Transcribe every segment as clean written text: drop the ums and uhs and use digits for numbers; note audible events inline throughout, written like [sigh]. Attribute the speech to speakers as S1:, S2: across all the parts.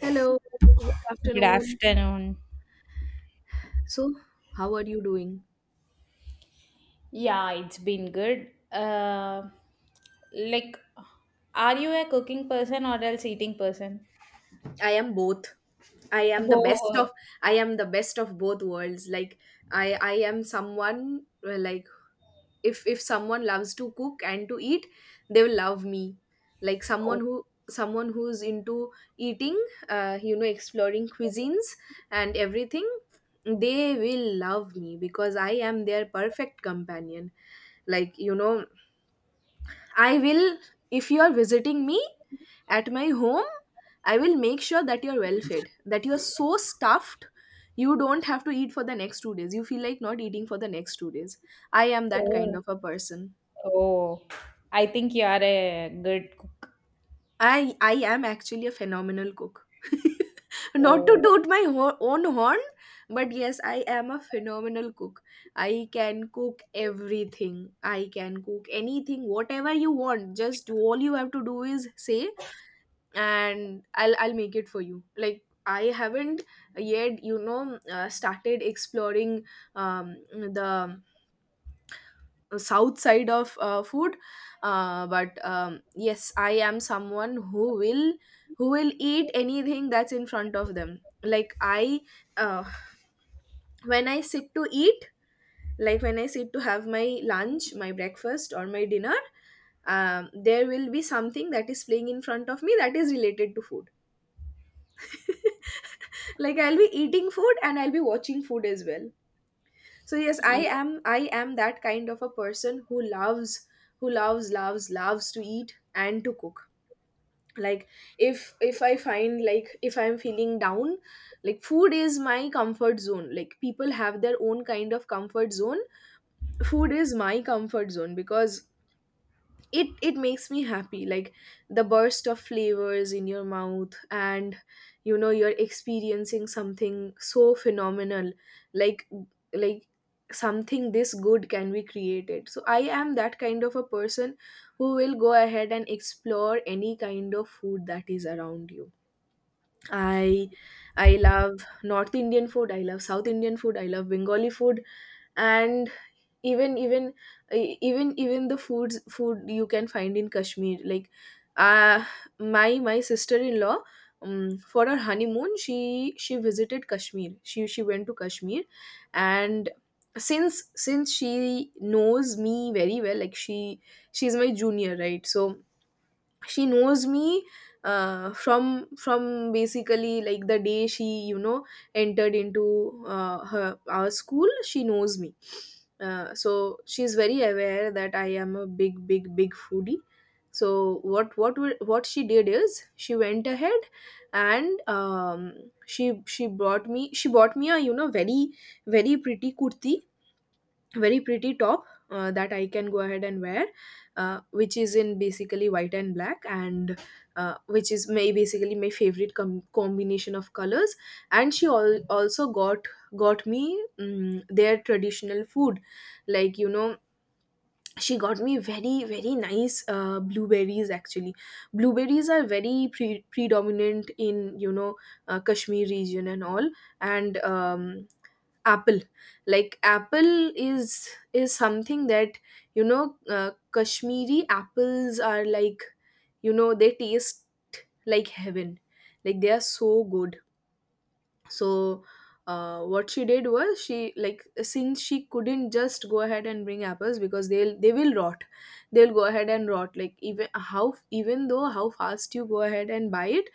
S1: Hello, good
S2: Good
S1: afternoon.
S2: afternoon.
S1: So, how are you doing?
S2: Yeah, it's been good. Like, are you a cooking person or else eating person?
S1: I am both. I am
S2: [laughs]
S1: the best of
S2: Oh,
S1: I am the best of both worlds. Like I am someone, like if someone loves to cook and to eat, they will love me. Like
S2: oh,
S1: someone who's into eating, exploring cuisines and everything, they will love me because I am their perfect companion. Like you know, I will, if you are visiting me at my home, I will make sure that you're well fed, that you're so stuffed, you don't have to eat for the next 2 days. You feel like not eating for the next 2 days. I am that kind
S2: oh,
S1: of a person.
S2: Oh, I think you are a good cook.
S1: I am actually a phenomenal cook. [laughs] Not to
S2: Oh.
S1: toot my own horn, but yes, I am a phenomenal cook. I can cook everything. I can cook anything, whatever you want. All you have to do is say, and I'll make it for you. Like I haven't yet started exploring the south side of food, but yes, I am someone who will eat anything that's in front of them. Like I uh, when I sit to eat, like when I sit to have my lunch, my breakfast, or my dinner, there will be something that is playing in front of me that is related to food. [laughs] Like I'll be eating food and I'll be watching food as well. So yes, i
S2: Yeah.
S1: am i am that kind of a person who loves, who loves to eat and to cook. Like if I find, like if I'm feeling down, like food is my comfort zone. Like people have their own kind of comfort zone. Food is my comfort zone because it makes me happy. Like the burst of flavors in your mouth, and you know you're experiencing something so phenomenal, like like something this good can be created. So I am that kind of a person who will go ahead and explore any kind of food that is around you. I i love north Indian food, I love south Indian food, I love Bengali food, and even even e- even even the foods food you can find in Kashmir. Like uh my sister-in-law, for her honeymoon, she visited Kashmir, she went to Kashmir. And since she knows me very well. Like she she's my junior, right? So she knows me from basically like the day she, you know, entered into her our school, she knows me. So she's very aware that I am a big, big, big foodie. So what she did is, she went ahead and, she brought me she bought me a, you know, very very pretty kurti, very pretty top, that I can go ahead and wear, which is in basically white and black, and which is my basically my favorite combination of colors. And she also got me their traditional food, like you know. She got me very very nice blueberries. Actually, blueberries are very predominant in, you know, Kashmir region and all, and apple, like apple is something that, you know, Kashmiri apples are like, you know, they taste like heaven, like they are so good. So what she did was, she like, since she couldn't just go ahead and bring apples because they will rot, they'll go ahead and rot. Like even how, even though how fast you go ahead and buy it,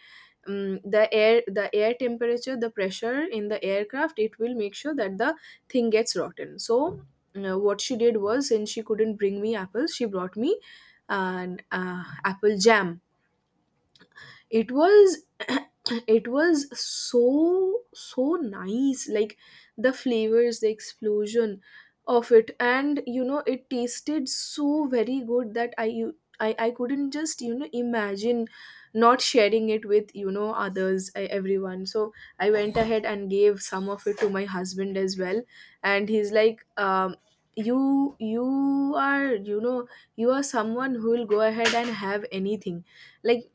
S1: the air temperature, the pressure in the aircraft, it will make sure that the thing gets rotten. So what she did was, since she couldn't bring me apples, she brought me an apple jam. It was [clears throat] it was so so nice. Like the flavors, the explosion of it, and you know it tasted so very good that I couldn't just, you know, imagine not sharing it with, you know, others, everyone. So I went ahead and gave some of it to my husband as well, and he's like, you, you are you know you are someone who will go ahead and have anything. Like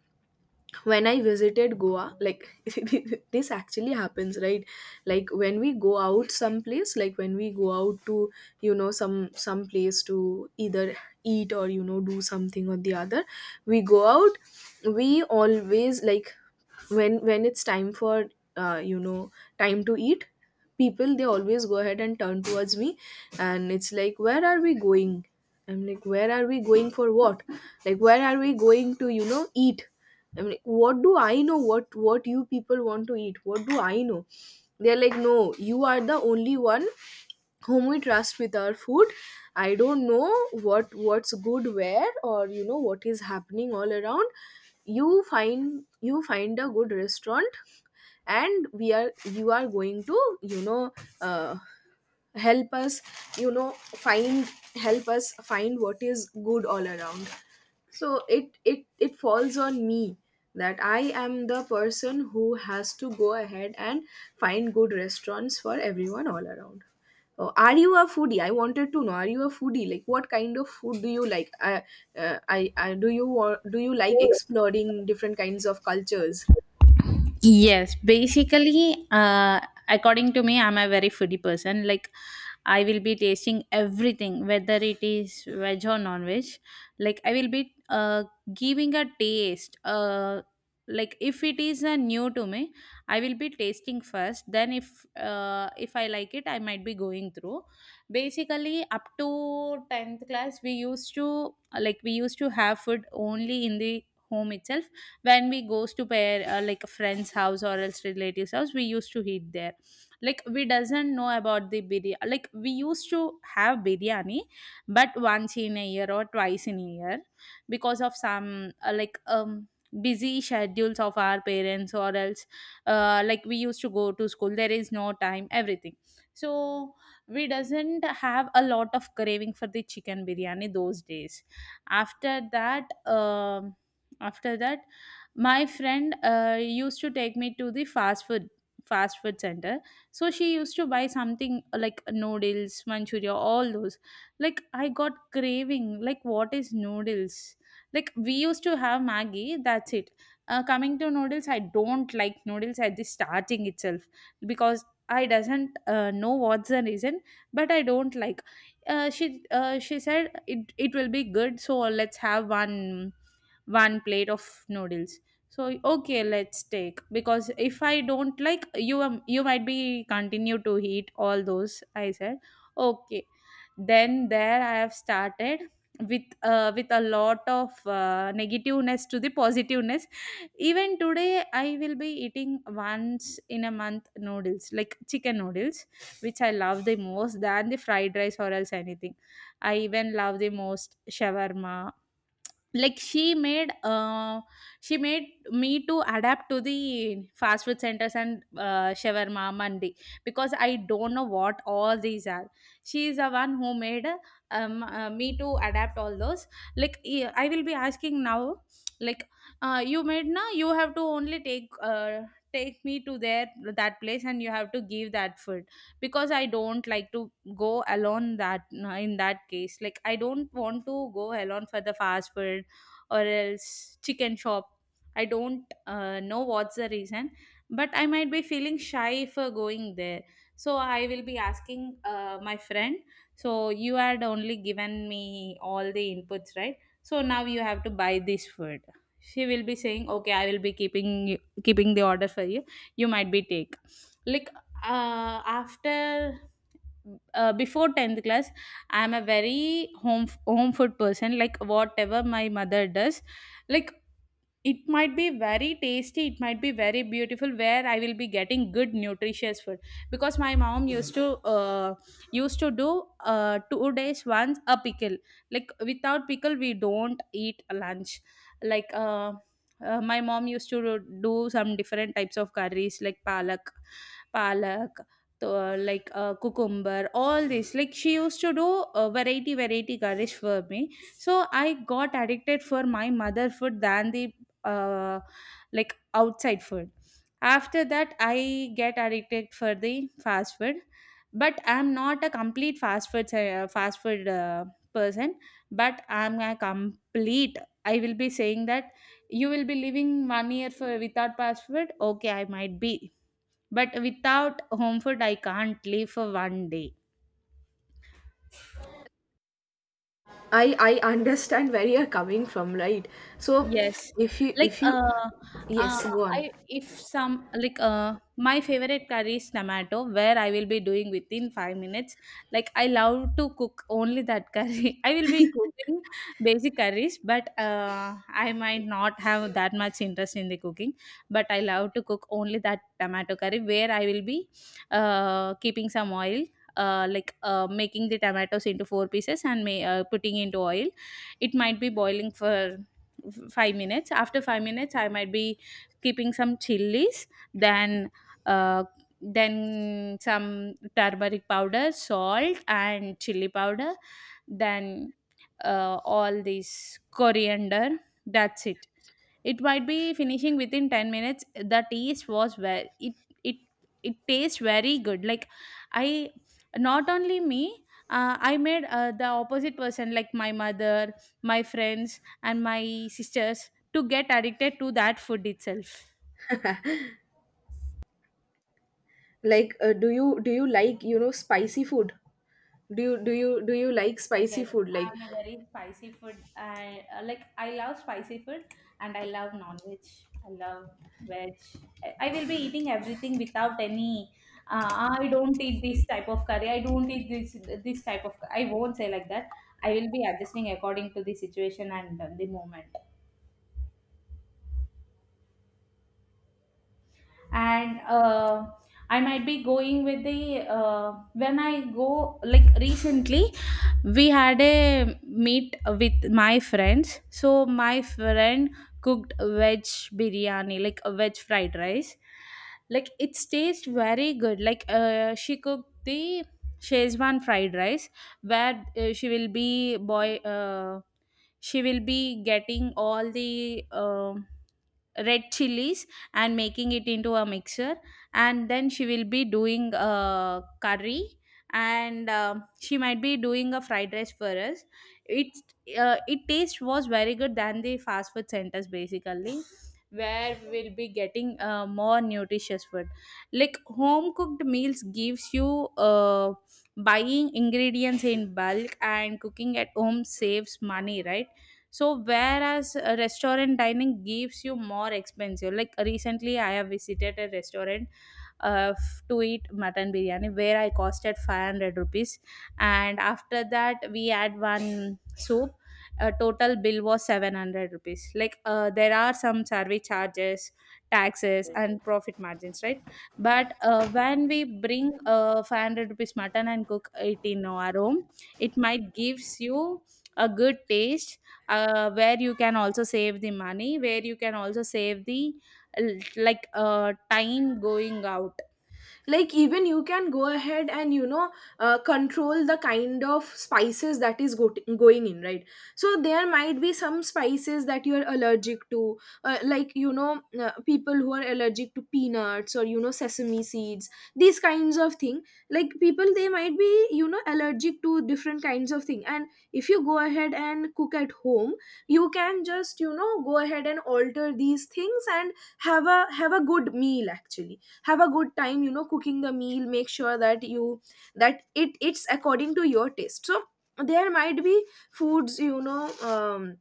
S1: when I visited Goa, like [laughs] this actually happens, right? Like when we go out someplace, like when we go out to, you know, some place to either eat or, you know, do something or the other, we go out, we always like, when it's time for, uh, you know time to eat, people, they always go ahead and turn towards me, and it's like, where are we going? I'm like, where are we going for what? Like, where are we going to, you know, eat? I'm like, what do I know? What you people want to eat, what do I know? They're like, no, you are the only one whom we trust with our food. I don't know what's good where or, you know, what is happening all around. You find, you find a good restaurant, and we are you are going to, you know, uh, help us, you know, find, help us find what is good all around. So it falls on me that I am the person who has to go ahead and find good restaurants for everyone all around. Oh, are you a foodie? I wanted to know, are you a foodie? Like, what kind of food do you like? I do you want Do you like exploring different kinds of cultures?
S2: Yes, basically, according to me, I'm a very foodie person. Like, I will be tasting everything, whether it is veg or non-veg. Like, I will be giving a taste. If it is new to me, I will be tasting first. Then, if I like it, I might be going through. Basically, up to tenth class, we used to have food only in the home itself when we goes to pair like a friend's house or else relatives house, we used to eat there. Like, we doesn't know about the biryani. Like, we used to have biryani, but once in a year or twice in a year, because of some busy schedules of our parents or else like we used to go to school, there is no time, everything. So we doesn't have a lot of craving for the chicken biryani those days. after that um After that, my friend used to take me to the fast food center. So she used to buy something like noodles, manchuria, all those. Like, I got craving, like what is noodles. Like, we used to have maggie, that's it. Uh, coming to noodles, I don't like noodles at the starting itself, because I doesn't know what's the reason, but I don't like. She said it it will be good, so let's have one one plate of noodles. So okay, let's take, because if I don't like you, you might be continue to eat all those. I said okay. Then there I have started with a lot of negativeness to the positiveness. Even today I will be eating once in a month noodles, like chicken noodles, which I love the most than the fried rice or else anything. I even love the most shawarma. like she made uh, she made me to adapt to the fast food centers and shawarma mandi, because I don't know what all these are. She is the one who made me to adapt all those. Like, I will be asking now, like, you made na, you have to only take take me to there, that place, and you have to give that food, because I don't like to go alone that. In that case, like, I don't want to go alone for the fast food or else chicken shop. I don't know what's the reason, but I might be feeling shy for going there. So I will be asking my friend, so you had only given me all the inputs, right? So now you have to buy this food. She will be saying okay, I will be keeping the order for you. You might be take. Like, after before 10th class, I am a very home food person, like whatever my mother does. Like, it might be very tasty, it might be very beautiful, where I will be getting good nutritious food, because my mom uh, used to do 2 days once a pickle. Like, without pickle we don't eat lunch. like uh, my mom used to do some different types of curries like palak to, cucumber, all this, like she used to do variety curries for me. So I got addicted for my mother food than the uh, like outside food. After that I get addicted for the fast food, but I'm not a complete fast food person, but I'm a complete, I will be saying that, you will be living 1 year for without fast food, okay I might be, but without home food I can't live for 1 day.
S1: I understand where you're coming from, right? So
S2: Yes, like
S1: if you
S2: uh, uh,
S1: yes, go on.
S2: I, if some, my favorite curry is tomato, where I will be doing within 5 minutes. Like, I love to cook only that curry. [laughs] I will be cooking basic curries, but I might not have that much interest in the cooking. But I love to cook only that tomato curry, where I will be keeping some oil. Making the tomatoes into four pieces and putting into oil, it might be boiling for 5 minutes. After 5 minutes I might be keeping some chilies, then uh, then some turmeric powder, salt and chili powder, then all this coriander. That's it. It might be finishing within 10 minutes. The taste was very it it it tastes very good. Like, I, not only me, I made the opposite person like my mother, my friends and my sisters to get addicted to that food itself.
S1: Like, do you like, you know, spicy food? Do you like spicy
S2: Yes,
S1: food?
S2: I'm a very spicy food. I I love spicy food and I love non-veg. I love veg. I will be eating everything without any I don't eat this type of curry. I don't eat this, this type of, I won't say like that. I will be adjusting according to the situation and the moment. And I might be going with the when I go, like recently we had a meet with my friends. So my friend cooked veg biryani, like a veg fried rice. Like, it tastes very good. Like, she cooked the Shezwan fried rice, where she will be getting all the red chilies and making it into a mixer, and then she will be doing a curry, and she might be doing a fried rice for us. It's it taste was very good than the fast food centers basically, where we'll be getting more nutritious food. Like, home cooked meals gives you uh, buying ingredients in bulk and cooking at home saves money, right? So whereas a restaurant dining gives you more expensive. Like, recently I have visited a restaurant to eat mutton biryani, where I costed 500 rupees. And after that, we had one soup. A total bill was 700 rupees. Like, there are some survey charges, taxes, and profit margins, right? But when we bring 500 rupees mutton and cook it in our home, it might gives you a good taste, where you can also save the money, where you can also save the time going out.
S1: Like even you can go ahead and, you know, control the kind of spices that is going in, right? So there might be some spices that you're allergic to, like, you know, people who are allergic to peanuts or, you know, sesame seeds, these kinds of thing. Like people, they might be, you know, allergic to different kinds of thing, and if you go ahead and cook at home, you can just, you know, go ahead and alter these things and have a, good meal. Actually, have a good time, you know, cooking the meal, make sure that it's according to your taste. So there might be foods, you know, um,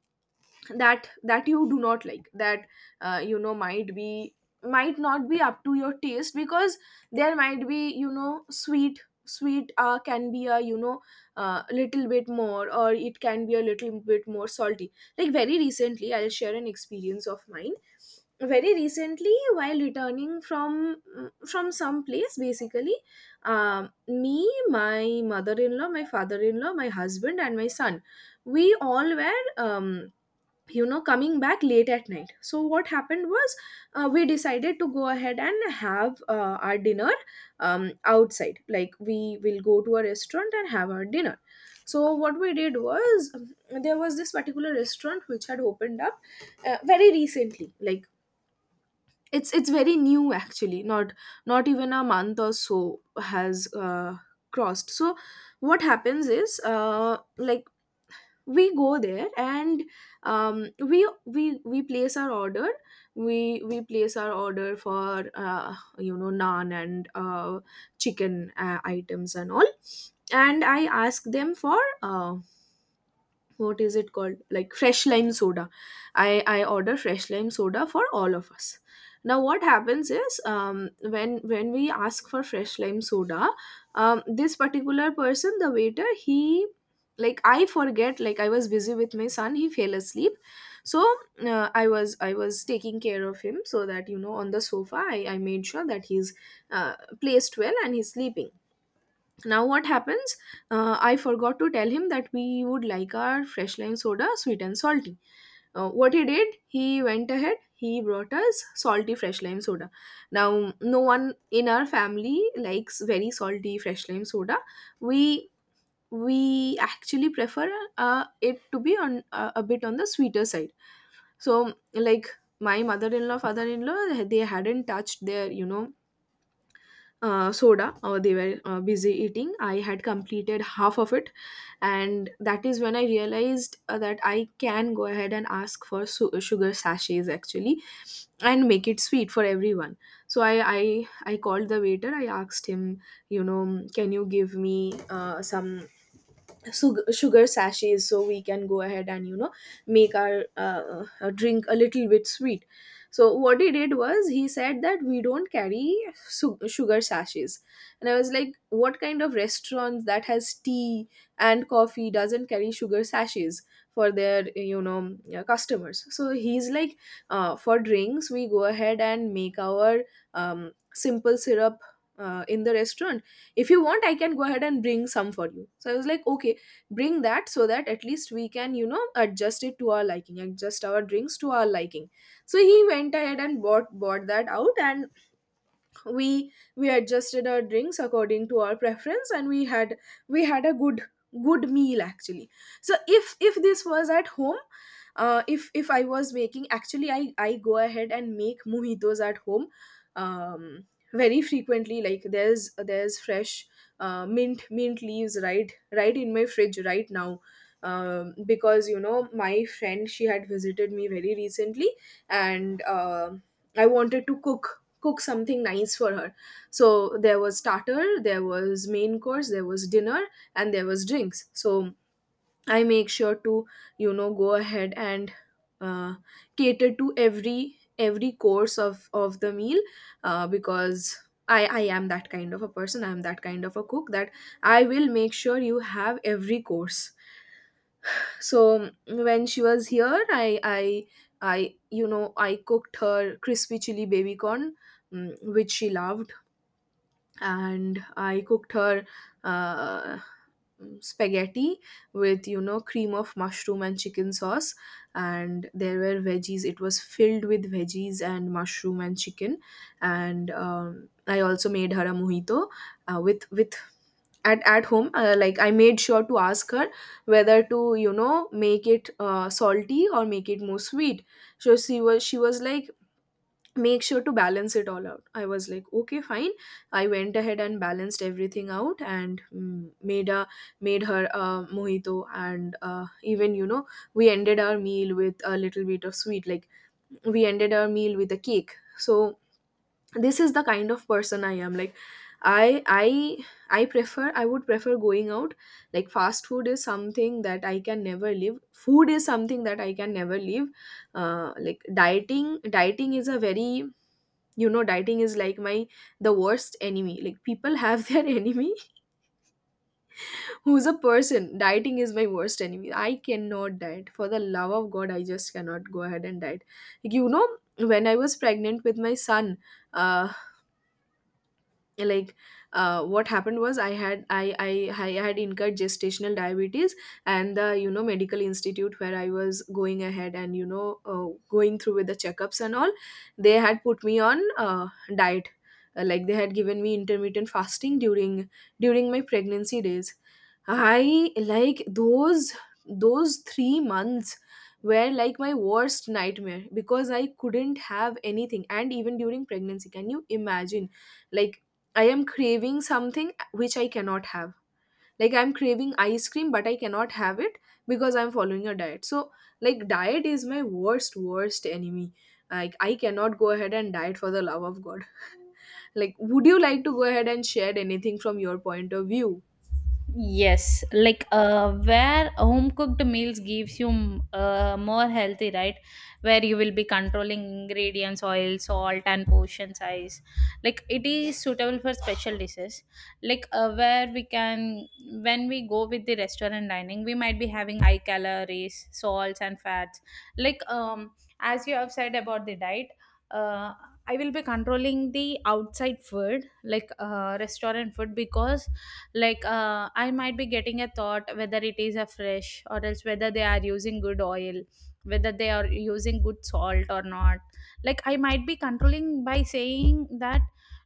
S1: that you do not like, that, you know, might be, might not be up to your taste. Because there might be, you know, sweet, can be a, you know, little bit more, or it can be a little bit more salty. Like very recently, I'll share an experience of mine. Very recently, while returning from some place basically, me, my mother-in-law, my father-in-law, my husband, and my son, we all were, you know, coming back late at night. So what happened was, we decided to go ahead and have our dinner outside. Like we will go to a restaurant and have our dinner. So what we did was, there was this particular restaurant which had opened up very recently. Like it's very new, actually not even a month or so has crossed. So what happens is, like, we go there and, we place our order, we place our order for, you know, naan and chicken items and all, and I ask them for what is it called, like fresh lime soda. I order fresh lime soda for all of us. Now what happens is, when we ask for fresh lime soda, this particular person, the waiter, he, like, I forget, like I was busy with my son, he fell asleep. So I was taking care of him, so that, you know, on the sofa, I made sure that he's uh, placed well and he's sleeping. Now what happens? I forgot to tell him that we would like our fresh lime soda sweet and salty. What he did, he went ahead, he brought us salty fresh lime soda. Now no one in our family likes very salty fresh lime soda. We we actually prefer, it to be on, a bit on the sweeter side. So like my mother-in-law, father-in-law, they hadn't touched their soda, they were busy eating. I had completed half of it, and that is when I realized that I can go ahead and ask for sugar sachets, actually, and make it sweet for everyone. So I called the waiter. I asked him, you know can you give me some sugar sachets so we can go ahead and make our drink a little bit sweet? So what he did was, he said that we don't carry sugar sachets. And I was like, what kind of restaurants that has tea and coffee doesn't carry sugar sachets for their customers? So he's like, for drinks we go ahead and make our simple syrup in the restaurant. If you want, I can go ahead and bring some for you. So I was like, okay, bring that, so that at least we can adjust our drinks to our liking. So he went ahead and bought that out, and we adjusted our drinks according to our preference, and we had a good meal actually. So if this was at home, if I was making, actually, I go ahead and make mojitos at home, um very frequently. Like, there's fresh mint leaves right in my fridge right now. Because my friend, she had visited me very recently, and I wanted to cook, something nice for her. So there was starter, there was main course, there was dinner, and there was drinks. So I make sure to go ahead and uh, cater to every course of the meal, because I am that kind of a person, I am that kind of a cook that I will make sure you have every course. So when she was here, I you know I cooked her crispy chili baby corn, which she loved. And I cooked her uh, spaghetti with cream of mushroom and chicken sauce, and there were veggies. It was filled with veggies and mushroom and chicken, and I also made her a mojito with with. At home, like, I made sure to ask her whether to make it salty or make it more sweet. So she was like, make sure to balance it all out. I was like, okay, fine. I went ahead and balanced everything out, and made her a mojito. And even, we ended our meal with a little bit of sweet. Like, we ended our meal with a cake. So this is the kind of person I am. Like, i i I would prefer going out. Like, fast food is something that I can never leave, food is something that I can never leave. Like, dieting is a very, dieting is like my the worst enemy. Like, people have [laughs] their enemy. Who's a person? Dieting is my worst enemy. I cannot diet for the love of god. I just cannot go ahead and diet. Like, when I was pregnant with my son, uh, like, what happened was, I had incurred gestational diabetes. And the, medical institute where I was going ahead and, going through with the checkups and all, they had put me on diet. Like they had given me intermittent fasting during my pregnancy days. I like those 3 months were like my worst nightmare, because I couldn't have anything. And even during pregnancy, can you imagine, like, I am craving something which I cannot have. Like, I'm craving ice cream but I cannot have it because I'm following a diet. So, like, diet is my worst enemy. Like, I cannot go ahead and diet for the love of god. [laughs] Like, would you like to go ahead and share anything from your point of view?
S2: Yes, like where home cooked meals gives you more healthy, right? Where you will be controlling ingredients, oil, salt, and portion size. Like, it is suitable for special dishes. Like, where we can, when we go with the restaurant dining, we might be having high calories, salts, and fats. Like as you have said about the diet, uh, I will be controlling the outside food, like restaurant food, because like I might be getting a thought whether it is a fresh or else whether they are using good oil, whether they are using good salt or not. Like, I might be controlling by saying that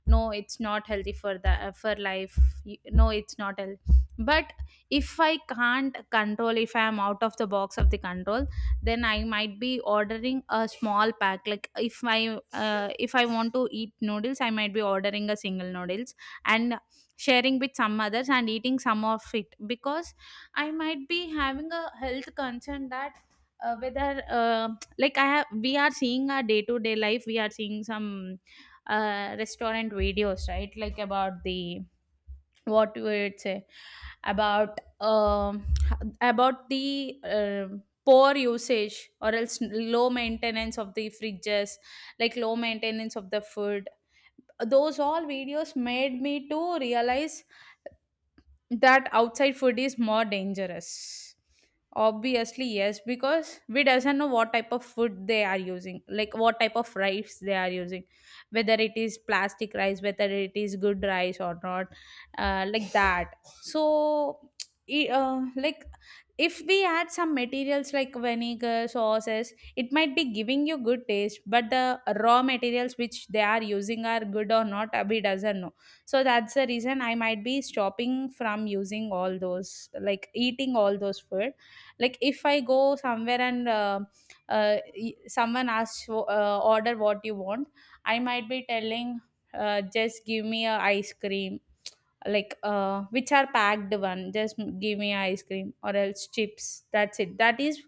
S2: no, it's not healthy for the for life. No, it's not healthy. But if I can't control, if I am out of the box of the control, then I might be ordering a small pack. Like, if I if I want to eat noodles, I might be ordering a single noodles and sharing with some others and eating some of it, because I might be having a health concern that whether like I have, we are seeing our day to day life, we are seeing some restaurant videos, right? Like, about the what we would say, about um about the poor usage or else low maintenance of the fridges, like low maintenance of the food. Those all videos made me to realize that outside food is more dangerous. Obviously yes, because we doesn't know what type of food they are using, like what type of rice they are using, whether it is plastic rice, whether it is good rice or not, like that. So like, if we add some materials like vinegar sauces, it might be giving you good taste, but the raw materials which they are using are good or not, we doesn't know. So that's the reason I might be stopping from using all those, like eating all those food. Like, if I go somewhere and uh, someone asks order what you want, I might be telling, just give me a ice cream, like which are packed one, just give me ice cream or else chips, that's it. That is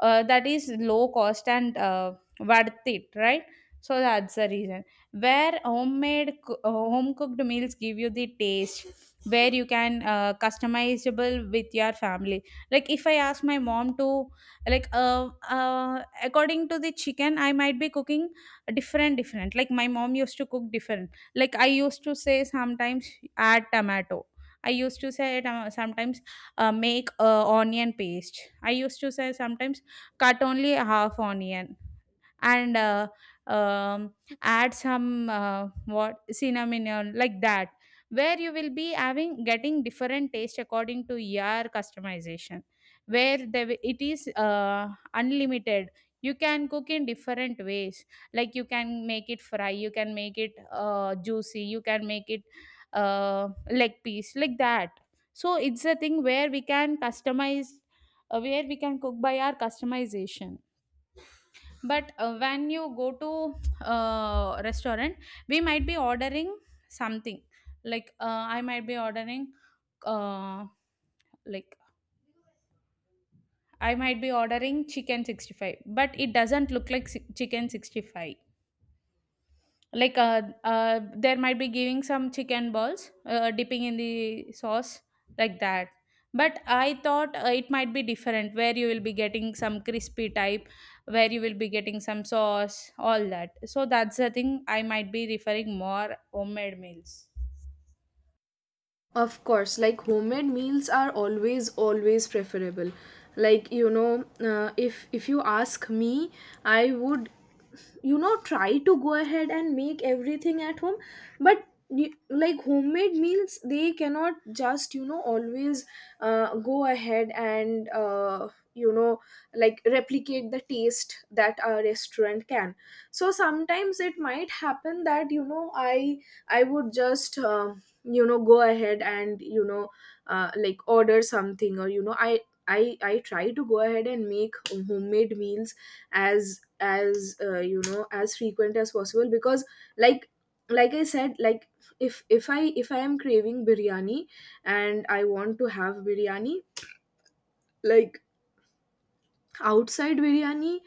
S2: that is low cost and worth it, right? So that's the reason where Home cooked meals give you the taste where you can customizable with your family. Like if I ask my mom to, like according to the chicken I might be cooking different, like my mom used to cook different. Like I used to say sometimes add tomato. I used to say sometimes make onion paste. I used to say sometimes cut only half onion, and um, add some what, cinnamon or like that, where you will be having getting different taste according to your customization, where it is unlimited. You can cook in different ways. Like you can make it fry, you can make it juicy, you can make it leg piece, like that. So it's a thing where we can customize, where we can cook by our customization. But when you go to restaurant, we might be ordering something. Like I might be ordering, uh, like I might be ordering chicken 65, but it doesn't look like chicken 65. Like there might be giving some chicken balls, dipping in the sauce, like that. But I thought it might be different, where you will be getting some crispy type, where you will be getting some sauce, all that. So that's the thing, I might be referring more homemade meals.
S1: Of course, like, homemade meals are always preferable. Like, if you ask me, I would, try to go ahead and make everything at home, but like, homemade meals, they cannot just always go ahead and, you know like, replicate the taste that a restaurant can. So sometimes it might happen that, I would just, go ahead and, like, order something. Or, I try to go ahead and make homemade meals as you know as frequent as possible. Because, like like I said, like, if I am craving biryani and I want to have biryani, like, outside biryani,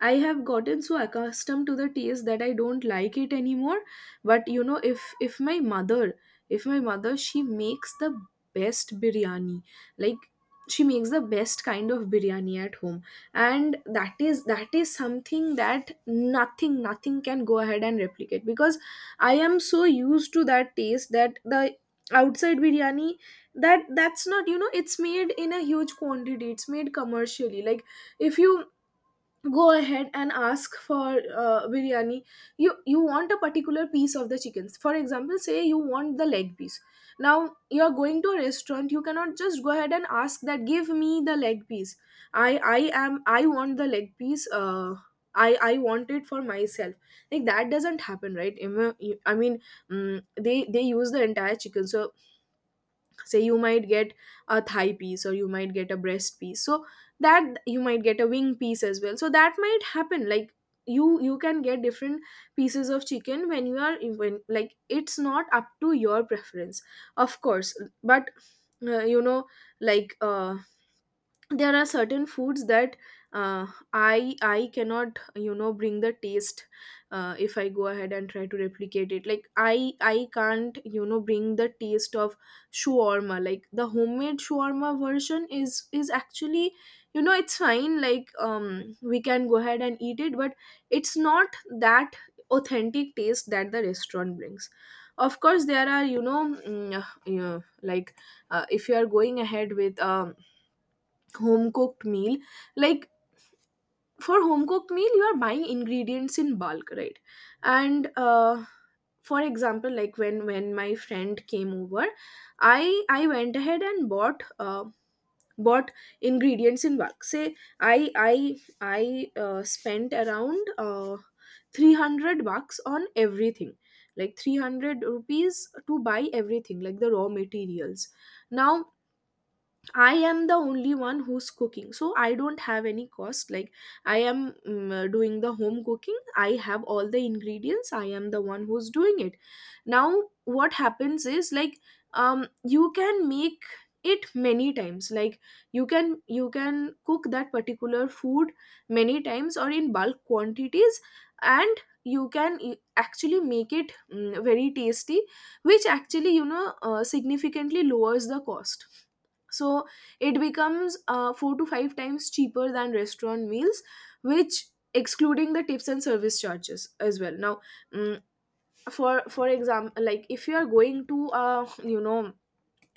S1: I have gotten so accustomed to the taste that I don't like it anymore. But, if my mother, she makes the best biryani. Like, she makes the best kind of biryani at home. And that is something that nothing can go ahead and replicate, because I am so used to that taste, that the outside biryani, that's not, it's made in a huge quantity, it's made commercially. Like, if you go ahead and ask for biryani, you want a particular piece of the chickens. For example, say you want the leg piece. Now you are going to a restaurant, you cannot just go ahead and ask that, give me the leg piece. i i I want the leg piece, I want it for myself. Like, that doesn't happen, right? I mean, mm they use the entire chicken. So, say you might get a thigh piece or you might get a breast piece, so that you might get a wing piece as well. So that might happen. Like, you can get different pieces of chicken when you are when like, it's not up to your preference, of course. But, uh, you know like, there are certain foods that, uh, I cannot, bring the taste if I go ahead and try to replicate it. Like, I can't, bring the taste of shawarma. Like, the homemade shawarma version is actually, it's fine. Like, we can go ahead and eat it, but it's not that authentic taste that the restaurant brings. Of course there are, like, if you are going ahead with home cooked meal, like, for home cooked meal you are buying ingredients in bulk, right? And for example, like, when my friend came over, i I went ahead and bought ingredients in bulk. Say, i i I spent around 300 bucks on everything, like 300 rupees, to buy everything, like the raw materials. Now, I am the only one who's cooking, so I don't have any cost. Like, I am, doing the home cooking. I have all the ingredients. I am the one who's doing it. Now, what happens is, like, you can make it many times. Like, you can cook that particular food many times or in bulk quantities, and you can actually make it, very tasty, which actually, significantly lowers the cost. So it becomes 4 to 5 times cheaper than restaurant meals, which excluding the tips and service charges as well. Now, mm, for example, like, if you are going to a,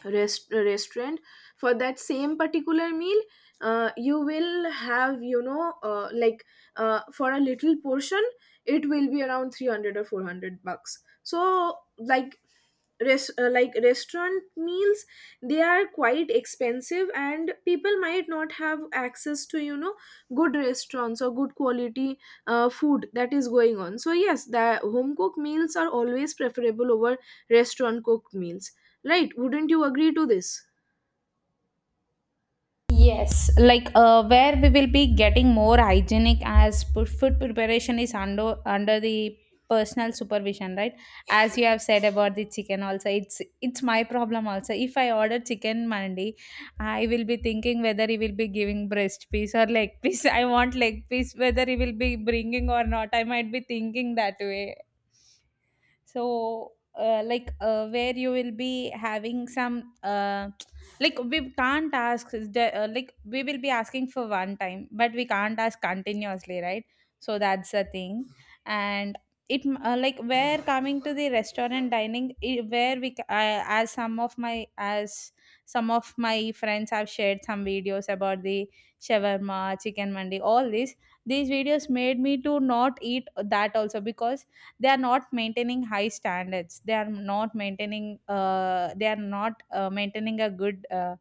S1: restaurant for that same particular meal, you will have, like, for a little portion, it will be around 300 or 400 bucks. So, like, restaurant meals, they are quite expensive, and people might not have access to, good restaurants or good quality food that is going on. So yes, the home cooked meals are always preferable over restaurant cooked meals, right? Wouldn't you agree to this?
S2: Yes, like where we will be getting more hygienic, as food preparation is under the personal supervision, right? As you have said about the chicken, also, it's my problem also. If I order chicken mandi, I will be thinking whether he will be giving breast piece or leg piece. [laughs] I want leg piece, whether he will be bringing or not. I might be thinking that way. So where you will be having some, like we can't ask the, like we will be asking for one time, but we can't ask continuously, right? So that's the thing. And like where coming to the restaurant dining, I, as some of my as some of my friends have shared some videos about the shawarma, chicken mandi, all this, these videos made me to not eat that also, because they are not maintaining high standards, they are not maintaining they are not maintaining a good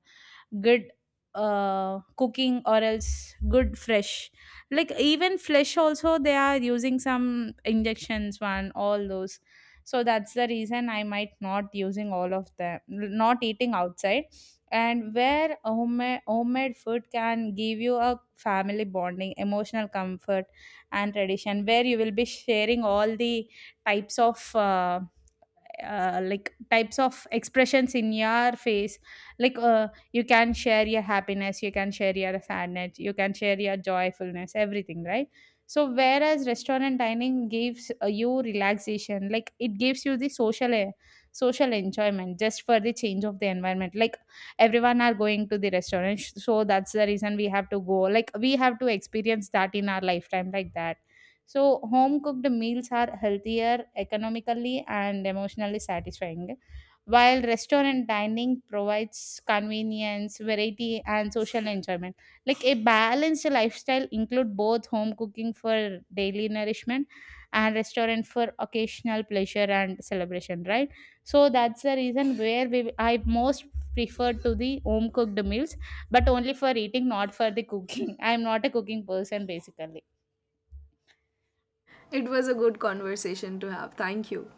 S2: good cooking, or else good fresh, like even flesh also they are using some injections one, all those. So that's the reason I might not using all of them, not eating outside. And where homemade food can give you a family bonding, emotional comfort, and tradition, where you will be sharing all the types of types of expressions in your face. Like you can share your happiness, you can share your sadness, you can share your joyfulness, everything, right? So whereas restaurant dining gives you relaxation, like it gives you the social enjoyment, just for the change of the environment. Like everyone are going to the restaurant, so that's the reason we have to go, like we have to experience that in our lifetime, like that. So, home cooked meals are healthier, economically and emotionally satisfying, while restaurant dining provides convenience, variety, and social enjoyment. Like a balanced lifestyle include both home cooking for daily nourishment and restaurant for occasional pleasure and celebration, right? So that's the reason where we I most prefer to the home cooked meals, but only for eating, not for the cooking. [laughs] I'm not a cooking person basically.
S1: It was a good conversation to have. Thank you.